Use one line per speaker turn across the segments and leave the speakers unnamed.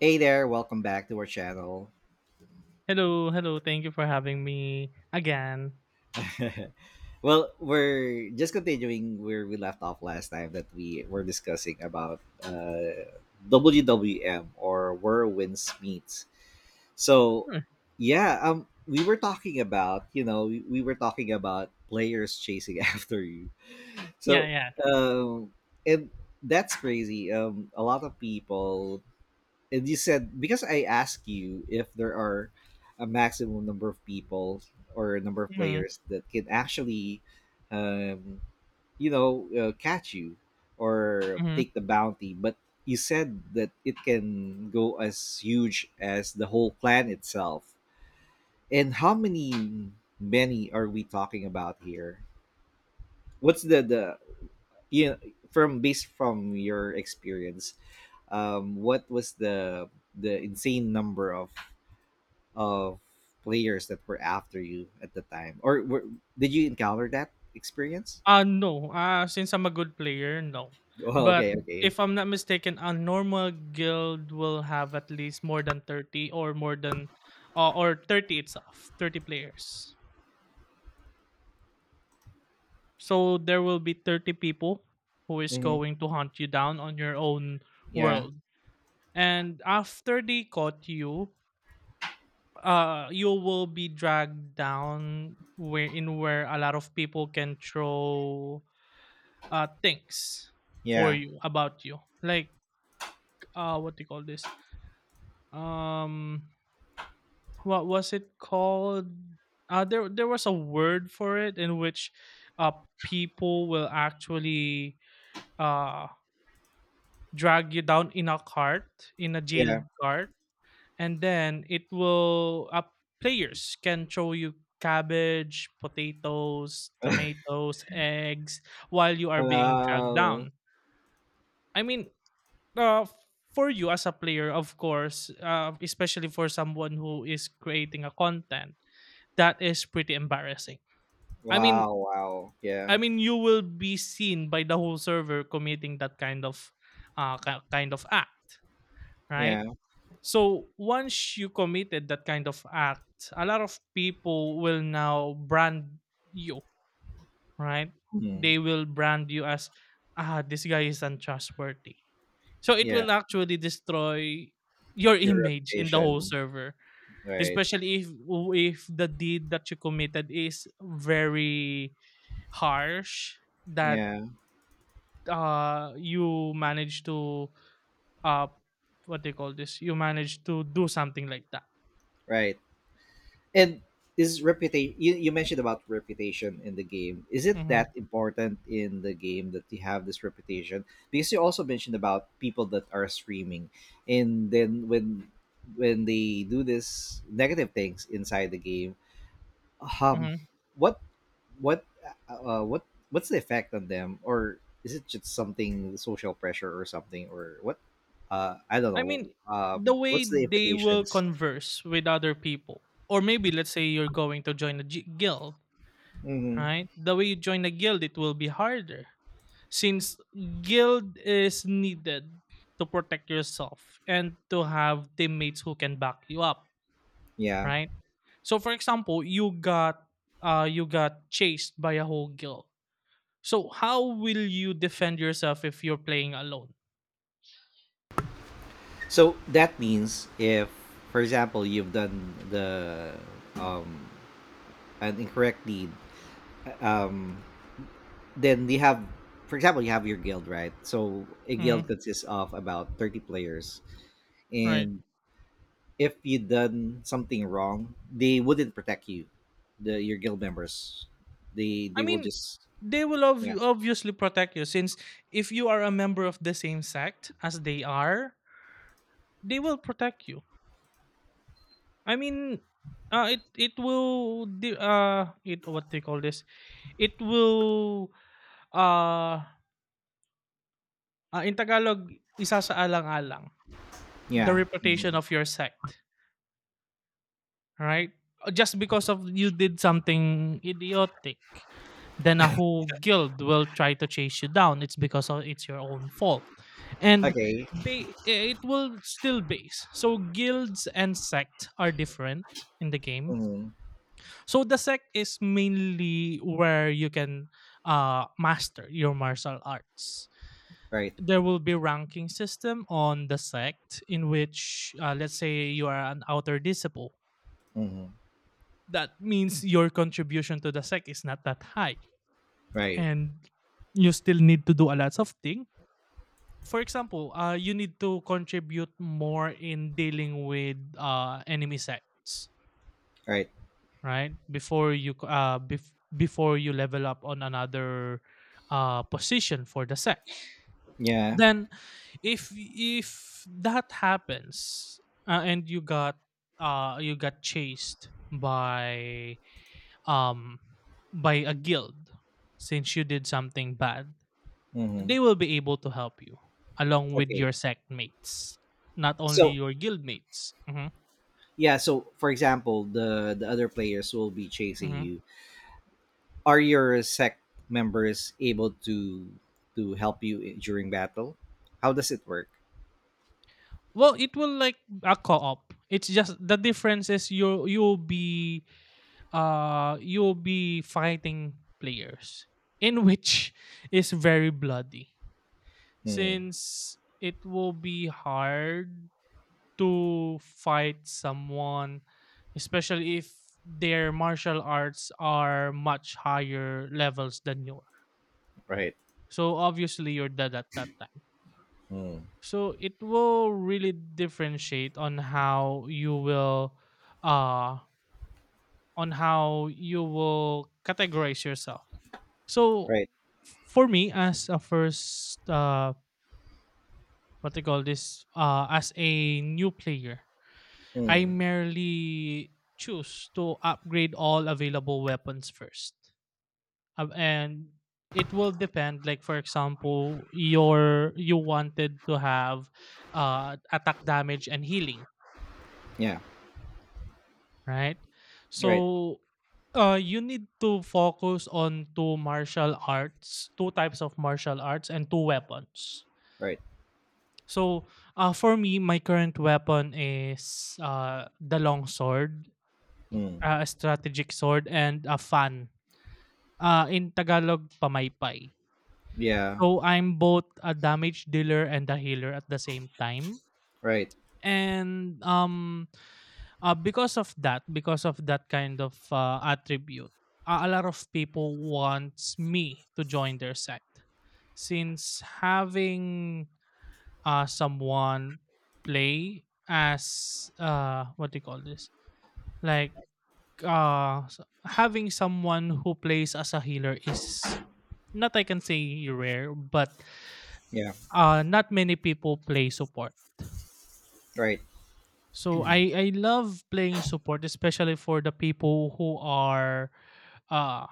Hey there, welcome back to our channel.
Hello, hello. Thank you for having me again.
Well, we're just continuing where we left off last time that we were discussing about WWM or Where Winds Meet. So,
Sure.
yeah, we were talking about, we were talking about players chasing after you.
Yeah,
So,
yeah.
um, and that's crazy. A lot of people, and you said because I asked you if there are a maximum number of people or a number of
Mhm,
players that can actually, um, catch you or
mhm.
take the bounty, but you said that it can go as huge as the whole clan itself. And how many are we talking about here? What's the you know, from, based from your experience, what was the insane number of players that were after you at the time, or were, did you encounter that experience?
No. Since I'm a good player, no.
Oh,
But
okay, okay.
if I'm not mistaken, a normal guild will have at least more than 30 or more than or 30 itself, 30 players. So there will be 30 people who is
Hmm.
going to hunt you down on your own
Yeah,
world. And after they caught you, you will be dragged down where in where a lot of people can throw things for
yeah,
you about you like what do you call this? um what was it called? There was a word for it in which uh people will actually uh drag you down in a cart, in a
yeah.
jailed cart, and then it will players can show you cabbage, potatoes, tomatoes, eggs while you are being dragged
Oh.
down. I mean, uh, for you as a player, of course, especially for someone who is creating a content, that is pretty embarrassing. I mean,
Wow, wow,
I
yeah.
mean, you will be seen by the whole server committing that kind of, kind of act, right?
Yeah.
So once you committed that kind of act, a lot of people will now brand you, right?
Mhm,
They will brand you as, ah, this guy is untrustworthy. So it
yeah.
will actually destroy your
Your
image in the whole
reputation.
server,
Right.
especially if the deed that you committed is very harsh, that
Yeah.
you manage to uh what they call this you manage to do something like that.
Right. And is reputation, you mentioned about reputation in the game. Is it
Mhm.
that important in the game that you have this reputation? Because you also mentioned about people that are streaming, and then when they do this negative things inside the game, um what what uh, uh, what what's the effect on them, or is it just something, social pressure or something, or what? I don't
I
know.
mean, the way
What's the
they will
implications?
converse with other people, or maybe let's say you're going to join a guild,
Mhm.
right? The way you join a guild, it will be harder since guild is needed to protect yourself and to have teammates who can back you up,
Yeah.
right? So, for example, you got chased by a whole guild. So, how will you defend yourself if you're playing alone?
So that means if, for example, you've done the um an incorrect deed, um, then you have, for example, you have your guild, right? So a
Mhm.
guild consists of about 30 players,
Right.
and if you done something wrong, they wouldn't protect you, the your guild members. They
I
they will
mean,
just...
they will
Yeah,
obviously protect you since if you are a member of the same sect as they are, they will protect you. I mean, it it will di- it what they call this? It will uh, uh, in Tagalog, isasaalang alang the
yeah. Mhm.
reputation of your sect, right? Just because of you did something idiotic, then a whole guild will try to chase you down. It's because of it's your own fault, and
Okay.
it will still base. So guilds and sect are different in the game.
Mhm.
So the sect is mainly where you can master your martial arts.
Right.
There will be ranking system on the sect in which, let's say, you are an outer disciple.
Mhm.
That means your contribution to the sec is not that high,
Right,
and you still need to do a lot of things. For example, you need to contribute more in dealing with enemy sects,
right.
right, before before you level up on another position for the sect.
Yeah.
Then if that happens, and you got chased um by a guild, since you did something bad,
Mhm.
they will be able to help you, along with
Okay.
your sect mates, not only
So,
your guild mates. Hmm.
yeah, so for example the other players will be chasing
Hmm.
you. Are your sect members able to help you, during battle? How does it work?
Well, it will like a co-op. It's just the difference is you'll be fighting players, in which is very bloody,
Mm.
since it will be hard to fight someone, especially if their martial arts are much higher levels than yours.
Right.
So obviously you're dead at that time.
Mm.
So it will really differentiate on how you will uh on how you will categorize yourself. So
Right.
for me, as a first what they call this as a new player, I
Mm,
merely choose to upgrade all available weapons first. And it will depend. Like, for example, you wanted to have attack damage and healing,
yeah.
right?
Right.
So you need to focus on two martial arts, two types of martial arts and two weapons.
Right.
So for me, my current weapon is the longsword,
Mm.
a strategic sword and a fan. In Tagalog, pamaypay.
Yeah.
So I'm both a damage dealer and a healer at the same time.
Right.
And because of that kind of attribute, a lot of people wants me to join their side. Since having someone play as, what do you call this? Like, having someone who plays as a healer is not, I can say, rare, but
Yeah.
not many people play support.
Right.
So I love playing support, especially for the people who are uh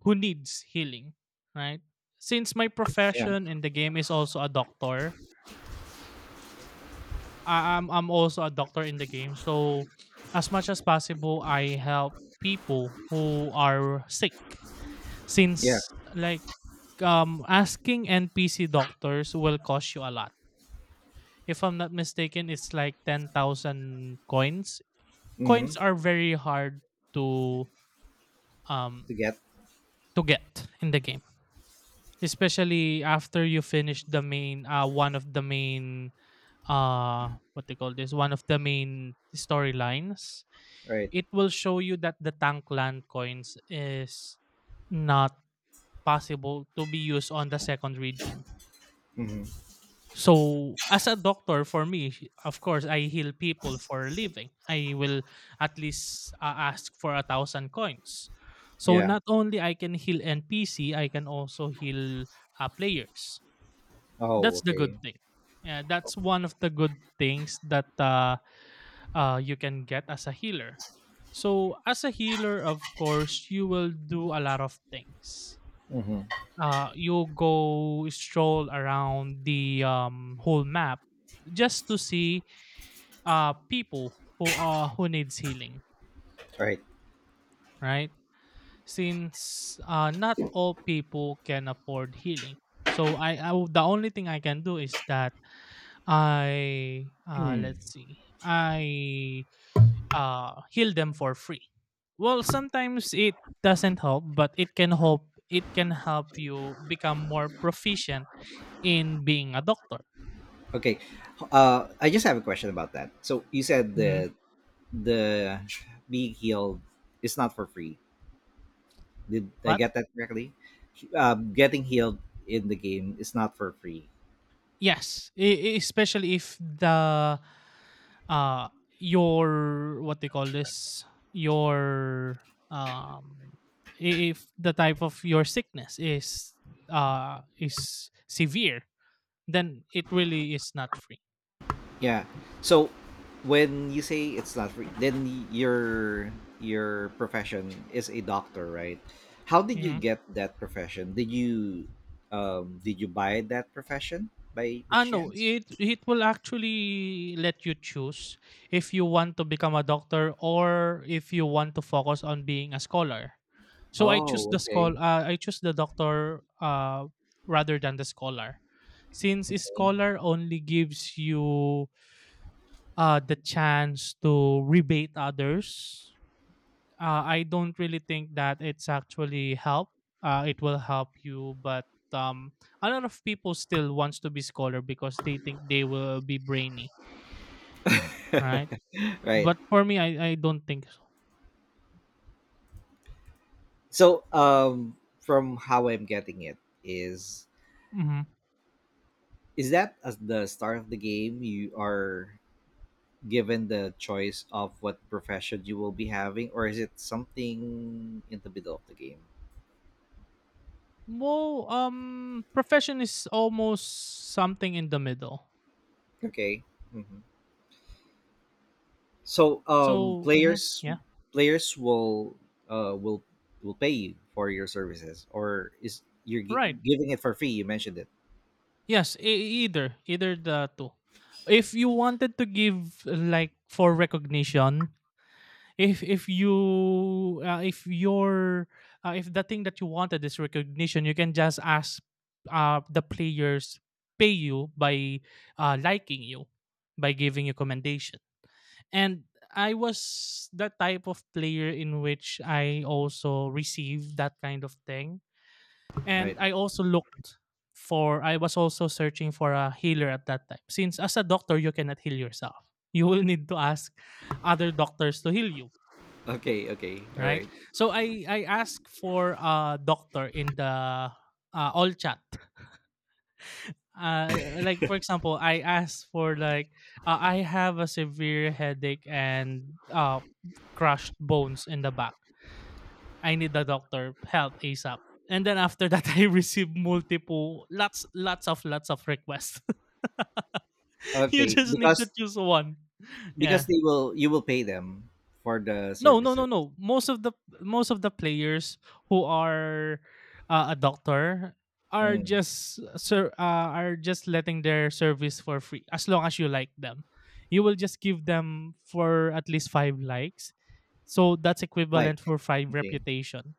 who needs healing, right? Since my
Yeah,
profession in the game is also a doctor, I'm also a doctor in the game. So as much as possible, I help people who are sick,
yeah.
since like asking NPC doctors will cost you a lot. If I'm not mistaken, it's like 10,000 coins.
Mm-hmm.
Coins are very hard to um
To get.
to get in the game, especially after you finish the main one of the main what they call this one of the main storylines.
Right.
It will show you that the tank land coins is not possible to be used on the second region.
Mm-hmm.
So, as a doctor, for me, of course, I heal people for a living. I will at least ask for 1,000 coins. So,
Yeah.
not only I can heal NPC, I can also heal players.
Oh,
That's the
okay.
good thing. Yeah, that's one of the good things that you can get as a healer. So, as a healer, of course, you will do a lot of things.
Mm-hmm.
You go stroll around the whole map just to see people who needs healing,
Right.
right? Since not all people can afford healing, so the only thing I can do is that I
Hmm.
let's see, I heal them for free. Well, sometimes it doesn't help, but it can help. It can help you become more proficient in being a doctor.
Okay. I just have a question about that. So you said
Mhm.
that the being healed is not for free. Did I
What?
get that correctly? Getting healed in the game is not for free.
Yes, especially if the uh your what they call this your um I- if the type of your sickness is severe, then it really is not free.
Yeah. So when you say it's not free, then your profession is a doctor, right? How did you
Mm-hmm.
get that profession? Did you buy that profession by
Ah, no,
chance?
it will actually let you choose if you want to become a doctor or if you want to focus on being a scholar. So I choose
Oh,
the
okay.
scholar. I choose the doctor, rather than the scholar, since a scholar only gives you the chance to rebate others. I don't really think that it's actually help. It will help you, but um, a lot of people still wants to be scholar because they think they will be brainy, right?
Right.
But for me, I don't think so.
So from how I'm getting it is...
Hmm.
Is that at the start of the game you are given the choice of what profession you will be having, or is it something in the middle of the game?
Well, profession is almost something in the middle.
Okay. Hmm. So
So mhm,
players
yeah,
players will uh, will will pay you for your services, or is you're
right.
giving it for free? You mentioned it,
Yes, e- either either the two. If you wanted to give, like, for recognition, if you if the thing that you wanted is recognition, you can just ask the players pay you by liking you, by giving you commendation, and I was that type of player in which I also received that kind of thing,
right?
and I also looked for, I was also searching for a healer at that time, since as a doctor you cannot heal yourself, you will need to ask other doctors to heal you,
Okay. Okay. All
right?
right.
So I ask for a doctor in the all chat. Like for example, I asked for, like, I have a severe headache and crushed bones in the back. I need the doctor help ASAP. And then after that, I received multiple lots of requests. You
Okay,
just need to
because
choose one. Yeah.
they will you will pay them for the
No, no,
services.
no, no. Most of the players who are a doctor are
Mm,
just sir are just letting their service for free as long as you like them. You will just give them for at least 5 likes. So that's
like,
equivalent for five
okay.
reputation.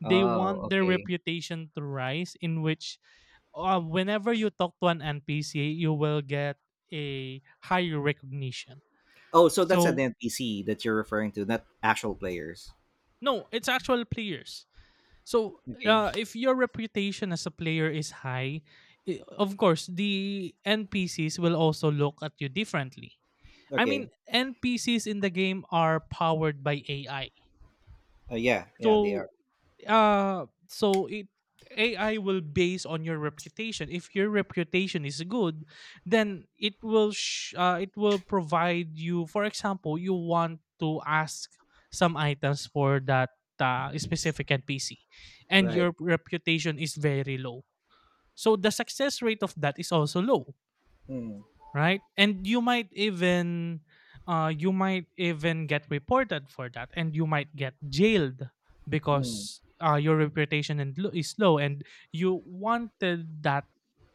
They
Oh,
want their
okay.
reputation to rise, in which whenever you talk to an NPC, you will get a higher recognition.
Oh, so that's an
So
NPC that you're referring to, not actual players.
no, it's actual players. So,
Okay.
if your reputation as a player is high, of course, the NPCs will also look at you differently. I
Okay.
mean, NPCs in the game are powered by AI.
Yeah. Yeah, they are.
So, so it AI will base on your reputation. If your reputation is good, then it will provide you. For example, you want to ask some items for that specific NPC, and
Right.
your reputation is very low. So the success rate of that is also low.
Mm.
Right, and you might even get reported for that, and you might get jailed
Mm.
because your reputation and is low, and you wanted that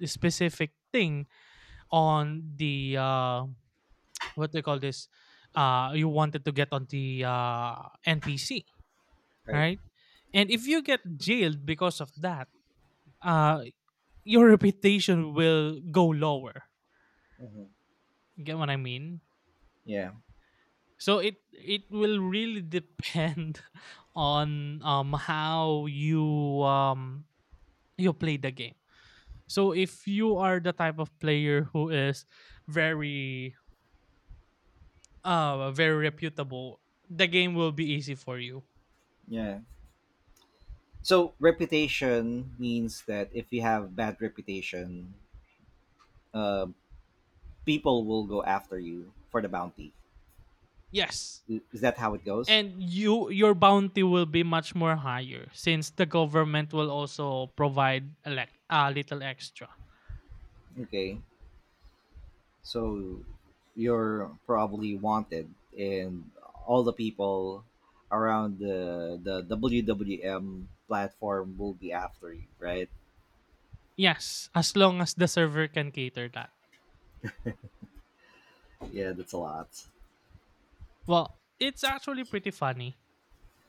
specific thing on the what they call this, you wanted to get on the NPC,
Right.
right? And if you get jailed because of that, uh your reputation will go lower.
Hmm.
You get what I mean?
Yeah.
So it will really depend on how you you play the game. So if you are the type of player who is very very reputable, the game will be easy for you.
Yeah. So reputation means that if you have bad reputation, uh, people will go after you for the bounty.
Yes.
Is that how it goes?
And you your bounty will be much more higher, since the government will also provide a, a little extra.
Okay. So you're probably wanted, and all the people around the WWM platform will be after you, right?
Yes, as long as the server can cater that.
Yeah, that's a lot.
Well, it's actually pretty funny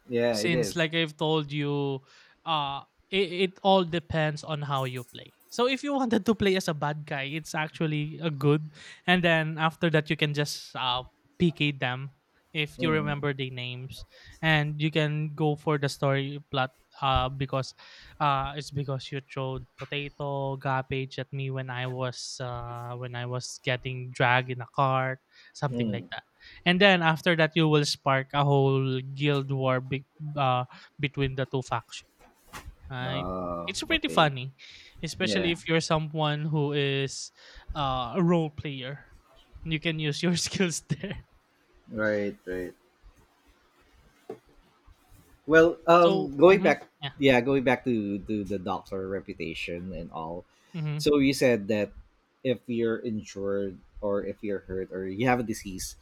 Yeah, it
since
is.
like I've told you, uh it all depends on how you play. So if you wanted to play as a bad guy, it's actually a good, and then after that you can just PK them if you
Mm.
remember the names, and you can go for the story plot. Because it's because you threw potato garbage at me when I was getting dragged in a cart, something like
Mm.
that. And then after that, you will spark a whole guild war uh, between the two factions, right? It's pretty
Okay.
funny, especially
Yeah.
if you're someone who is a role player. You can use your skills there.
Right. Right. Well,
So,
going
mhm,
back.
yeah,
Yeah, going back to the doctor reputation and all.
hmm
So you said that if you're injured or if you're hurt or you have a disease...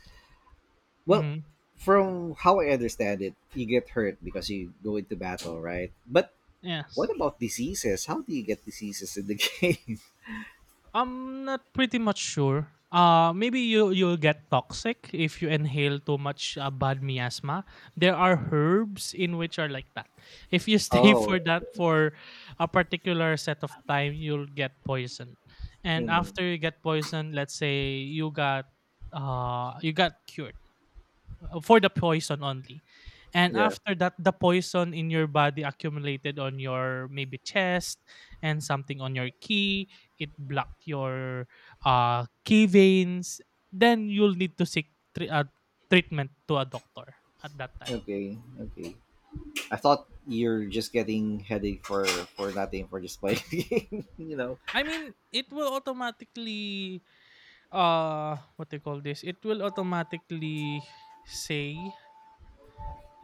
Well,
hmm
from how I understand it, you get hurt because you go into battle, right? But what
yes.
about diseases? How do you get diseases in the game?
I'm not pretty much sure. Maybe you'll get toxic if you inhale too much bad miasma. There are herbs in which are like that. If you stay
Oh.
for that for a particular set of time, you'll get poisoned. And
Hmm.
after you get poisoned, let's say you got cured for the poison only. And
Yeah.
after that, the poison in your body accumulated on your maybe chest and something on your key. It blocked your key veins. Then you'll need to seek treatment to a doctor at that time.
Okay, okay. I thought you're just getting headache for nothing, for just playing the game.
I mean, it will automatically what they call this. It will automatically say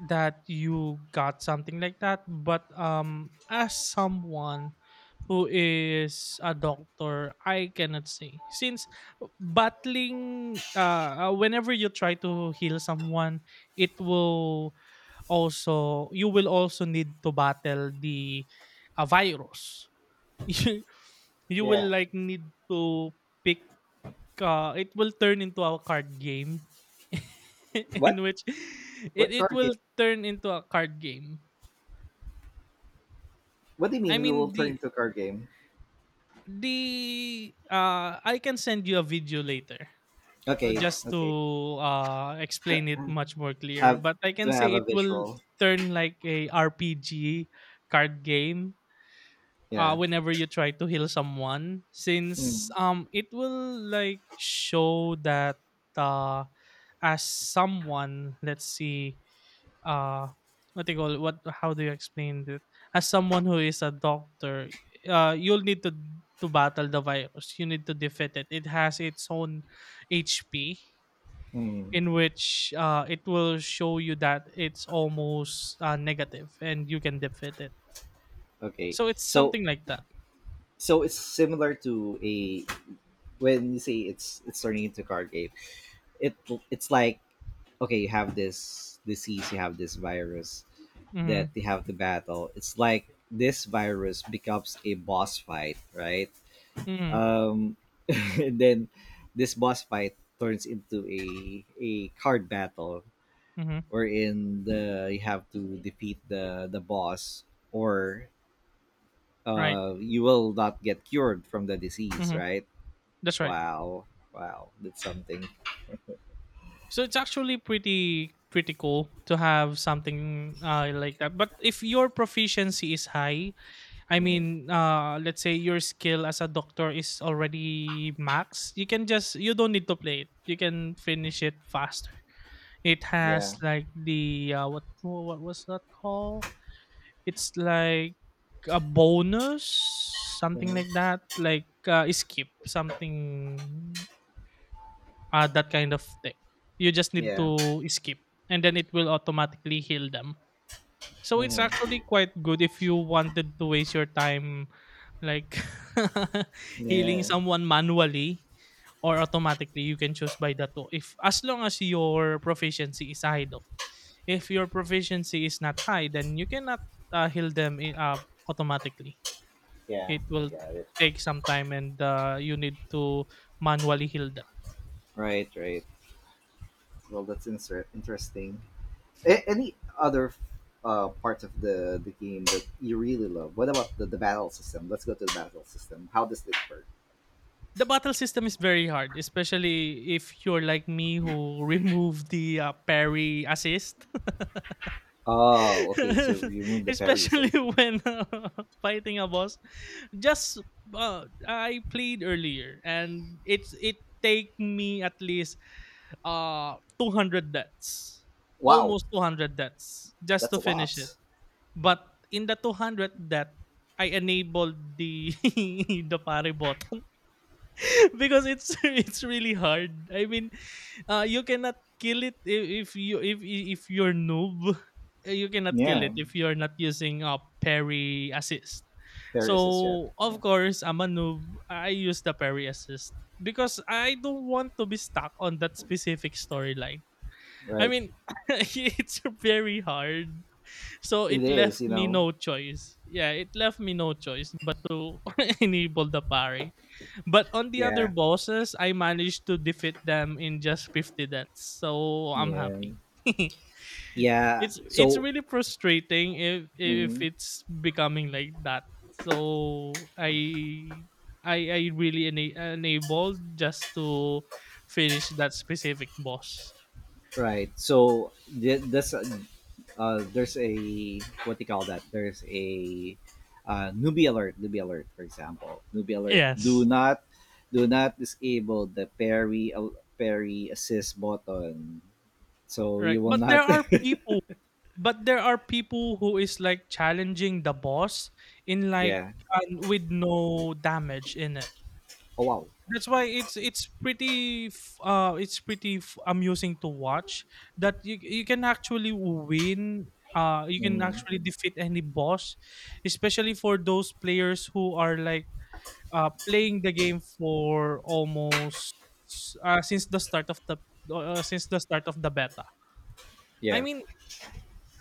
that you got something like that, but as someone who is a doctor I cannot say since battling whenever you try to heal someone, it will also you will also need to battle the virus. you you will
Yeah.
like need to pick it will turn into a card game in
What?
which it,
What
it
card game?
will turn into a card game.
What do you
I
mean we will
mean
turn into a card game?
the I can send you a video later,
Okay,
just
okay.
to explain it much more clear,
Have
but I can
to
say
have a
it will
visual.
turn like a RPG card game
Yeah.
whenever you try to heal someone, since
Hmm.
it will like show that uh as someone, let's see, uh what do you call it? What how do you explain it? As someone who is a doctor, you'll need to battle the virus. You need to defeat it. It has its own HP,
Hmm.
in which it will show you that it's almost negative and you can defeat it.
Okay.
So it's
So,
something like that.
it's similar to a, when you say it's turning into a card game, it it's like, okay, you have this disease, you have this virus that
Hmm.
you have to battle. It's like this virus becomes a boss fight, right? um and then this boss fight turns into a card battle,
Mhm.
wherein the you have to defeat the boss, or
Right.
you will not get cured from the disease,
Mhm.
right?
That's right.
Wow. Wow. That's something.
So it's actually pretty cool to have something like that. But if your proficiency is high, I
Hmm.
mean, let's say your skill as a doctor is already max, you can just you don't need to play it. You can finish it faster. It has
Yeah.
like the what was that called? It's like a bonus, something
Hmm.
like that, like skip something, that kind of thing. You just need
Yeah.
to skip, and then it will automatically heal them. So it's
Hmm.
actually quite good if you wanted to waste your time like healing
Yeah.
someone manually or automatically. You can choose by the two. If as long as your proficiency is high, though. If your proficiency is not high, then you cannot heal them automatically.
Yeah.
It will
I got it.
take some time, and you need to manually heal them.
Right. Right. Well, that's interesting. Any other parts of the game that you really love? What about the battle system? Let's go to the battle system. How does this work?
The battle system is very hard, especially if you're like me who remove the parry assist.
Oh, okay. So you remove the parry
Especially
assist.
when fighting a boss. Just I played earlier, and it take me at least 200 deaths,
Wow.
almost 200 deaths, just
That's
to
a
finish it.
lot.
But in the 200 death, I enabled the the parry button. Because it's it's really hard. I mean, you cannot kill it if you if you're noob. You cannot kill
Yeah.
it if you're not using a parry assist.
Parry assist, yeah.
So
Yeah.
of course, I'm a noob. I use the parry assist because I don't want to be stuck on that specific storyline. I
Right.
mean, it's very hard. So
It
it
is,
left
you
me
know.
no choice. Yeah, it left me no choice but to enable the parry. But on the other
Yeah.
bosses, I managed to defeat them in just 50 deaths. So I'm
Yeah.
happy.
Yeah.
It's
So...
really frustrating if
Mm-hmm.
it's becoming like that. So I really enabled just to finish that specific boss.
Right. So this, there's a, what do you call that? There's a newbie alert. Newbie alert, for example. Newbie alert. Do
Yes.
not do not disable the parry parry assist button. So
Right.
you will
But there
not.
are people but there are people who is like challenging the boss in like
Yeah.
with no damage in it.
Oh, wow.
That's why it's pretty it's pretty amusing to watch that you can actually win, you can
Hmm.
actually defeat any boss, especially for those players who are like playing the game for almost since the start of the since the start of the beta. I
Yeah.
mean,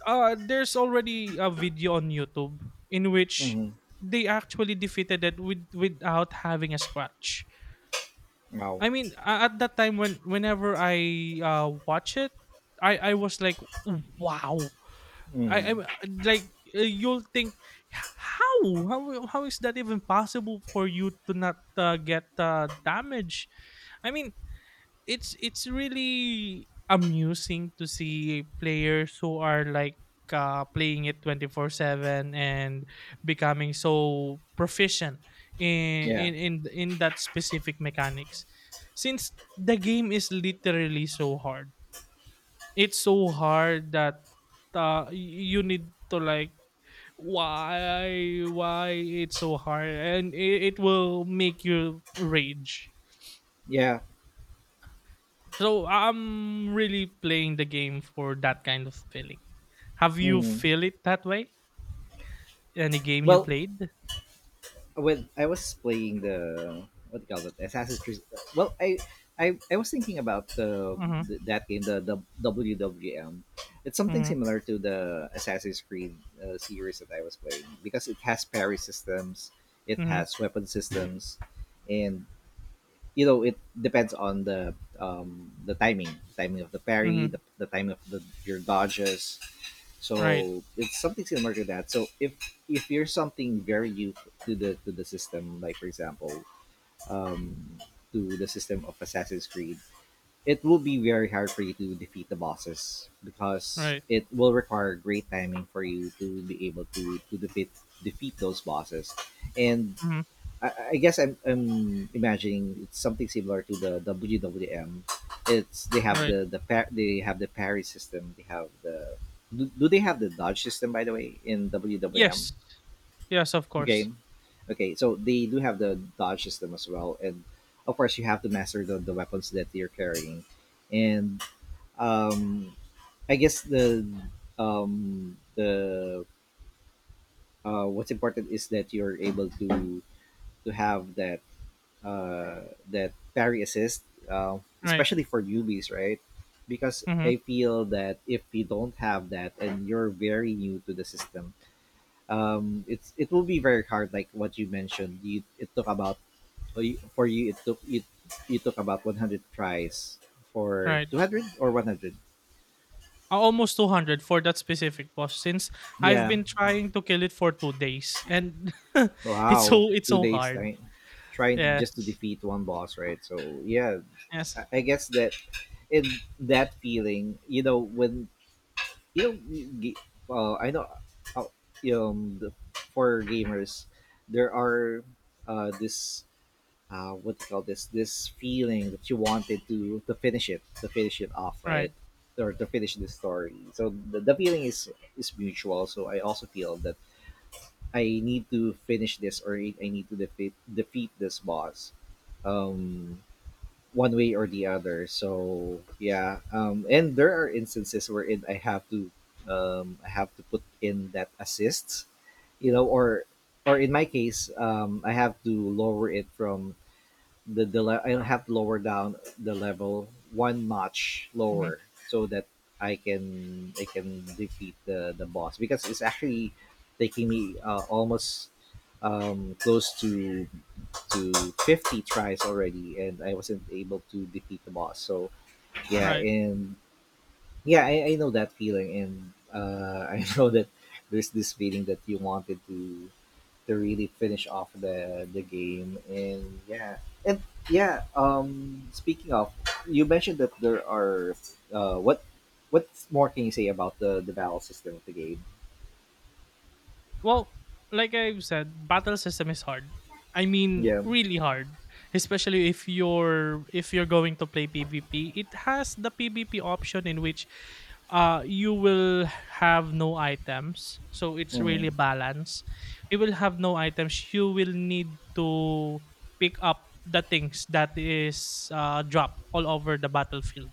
there's already a video on YouTube in which
Hmm.
they actually defeated it with without having a scratch.
Wow.
I mean, at that time when whenever I watch it, I was like, wow. I
Hmm.
like you'll think, How how how is that even possible for you to not get damage?" I mean, it's really amusing to see players who are like playing it 24/7 and becoming so proficient in,
Yeah.
in that specific mechanics, since the game is literally so hard. It's so hard that you need to like why why it's so hard, and it will make you rage.
Yeah.
So I'm really playing the game for that kind of feeling. Have you
Hmm.
feel it that way? Any game you
Well...
played?
Well, I was playing the, what do you call it, Assassin's Creed. Well, I was thinking about
Mhm.
the that game, the WWM. It's something
Mhm.
similar to the Assassin's Creed series that I was playing, because it has parry systems, it
Mhm.
has weapon systems, and, you know, it depends on the timing of the parry,
Mhm.
the timing of the, your dodges,
Right.
so it's something similar to that. So if you're something very new to the system, like for example, um, to the system of Assassin's Creed, it will be very hard for you to defeat the bosses, because
Right.
it will require great timing for you to be able to defeat those bosses, and
Mhm.
I guess I'm imagining it's something similar to the WWM. It's, they have
Right.
the they have the parry system. They have do they have the dodge system, by the way, in WWM
Yes. Yes, of course.
game? Okay, so they do have the dodge system as well, and of course you have to master the weapons that you're carrying, and um, I guess the what's important is that you're able to have that uh, that parry assist,
Right.
especially for newbies, right? Because
Mhm.
I feel that if you don't have that, and you're very new to the system, it will be very hard. Like what you mentioned, it took about for you it took it you took about 100 tries for
Right.
200 or 100.
A- almost 200 for that specific boss, since I've
Yeah,
been trying to kill it for 2 days and
wow,
it's
two
so
days
hard.
time, trying
Yes.
just to defeat one boss, right? So yeah, I
Yes.
I guess that, in that feeling, when Yung, gi- I know, uh, um, the, for gamers, there are this, what do you call this? This feeling that you wanted to finish it, to finish it off, right?
Right.
Or to finish the story. So, the feeling is mutual. So I also feel that I need to finish this, or I need to defeat this boss. Um, One way or the other. So yeah, and there are instances wherein I have to put in that assists, or, in my case, I have to lower it from I have to lower down the level one notch
Mhm.
lower, so that I can defeat the boss, because it's actually taking me almost, close to 50 tries already, and I wasn't able to defeat the boss. So yeah,
Right.
and yeah, I know that feeling, and I know that there's this feeling that you wanted to really finish off the game, and yeah. And yeah, speaking of, you mentioned that there are uh what what more can you say about the battle system of the game?
Well, like I've said, battle system is hard. I mean,
Yeah.
really hard, especially if you're going to play PvP. It has the PvP option, in which you will have no items, so it's
Hmm.
really balanced. You will have no items. You will need to pick up the things that is dropped all over the battlefield.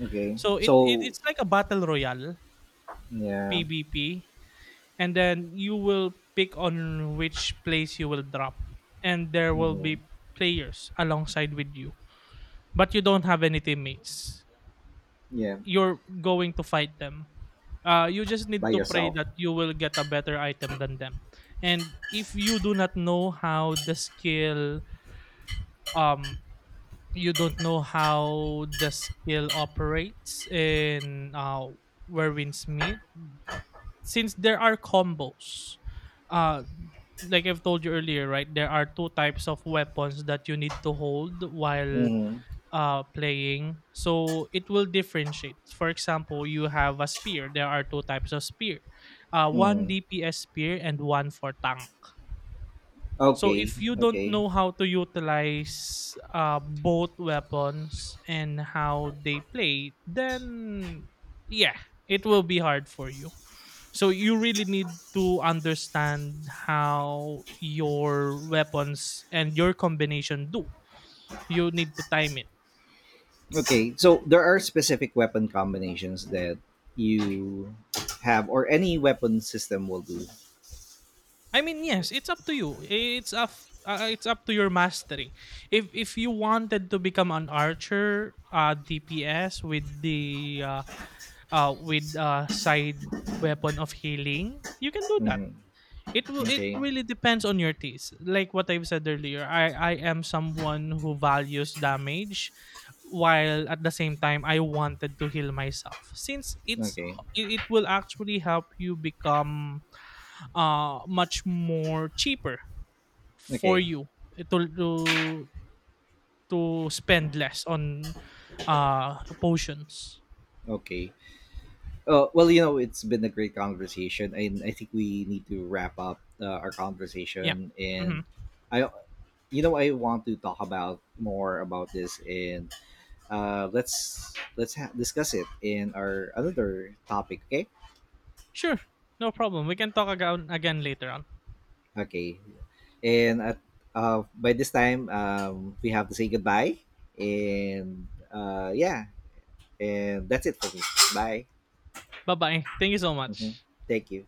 Okay.
So it, it
So
it's like a battle royale
yeah.
PvP, and then you will pick on which place you will drop, and there will
Hmm.
be players alongside with you, but you don't have any teammates.
Yeah.
You're going to fight them. You just
By
need to pray
yourself.
that you will get a better item than them. And if you do not know how the skill um you don't know how the skill operates in Where Winds Meet, since there are combos, uh, like I've told you earlier, right? There are two types of weapons that you need to hold while
Hmm.
playing. So it will differentiate. For example, you have a spear. There are two types of spear. Uh, one
Mm.
DPS spear and one for tank. So
Okay,
if you don't
okay,
know how to utilize both weapons and how they play, then yeah, it will be hard for you. So you really need to understand how your weapons and your combination do. You need to time it.
okay. So there are specific weapon combinations that you have, or any weapon system will do.
I mean, yes, it's up to you. It's up to your mastery. If you wanted to become an archer, DPS with the with side weapon of healing, you can do that.
Mhm.
It will. It
Okay,
really depends on your taste. Like what I've said earlier, I am someone who values damage, while at the same time I wanted to heal myself. Since it's
okay,
it will actually help you become much more cheaper for
okay,
you to to spend less on potions.
okay. Well, it's been a great conversation, and I think we need to wrap up our
Yeah.
conversation.
Hmm.
And I, I want to talk about more about this, and let's discuss it in our another topic. Okay.
Sure. No problem. We can talk again later on.
Okay. And at by this time, we have to say goodbye. And yeah, and that's it for me. Bye.
Bye bye. Thank you so
Hmm.
much.
Thank you.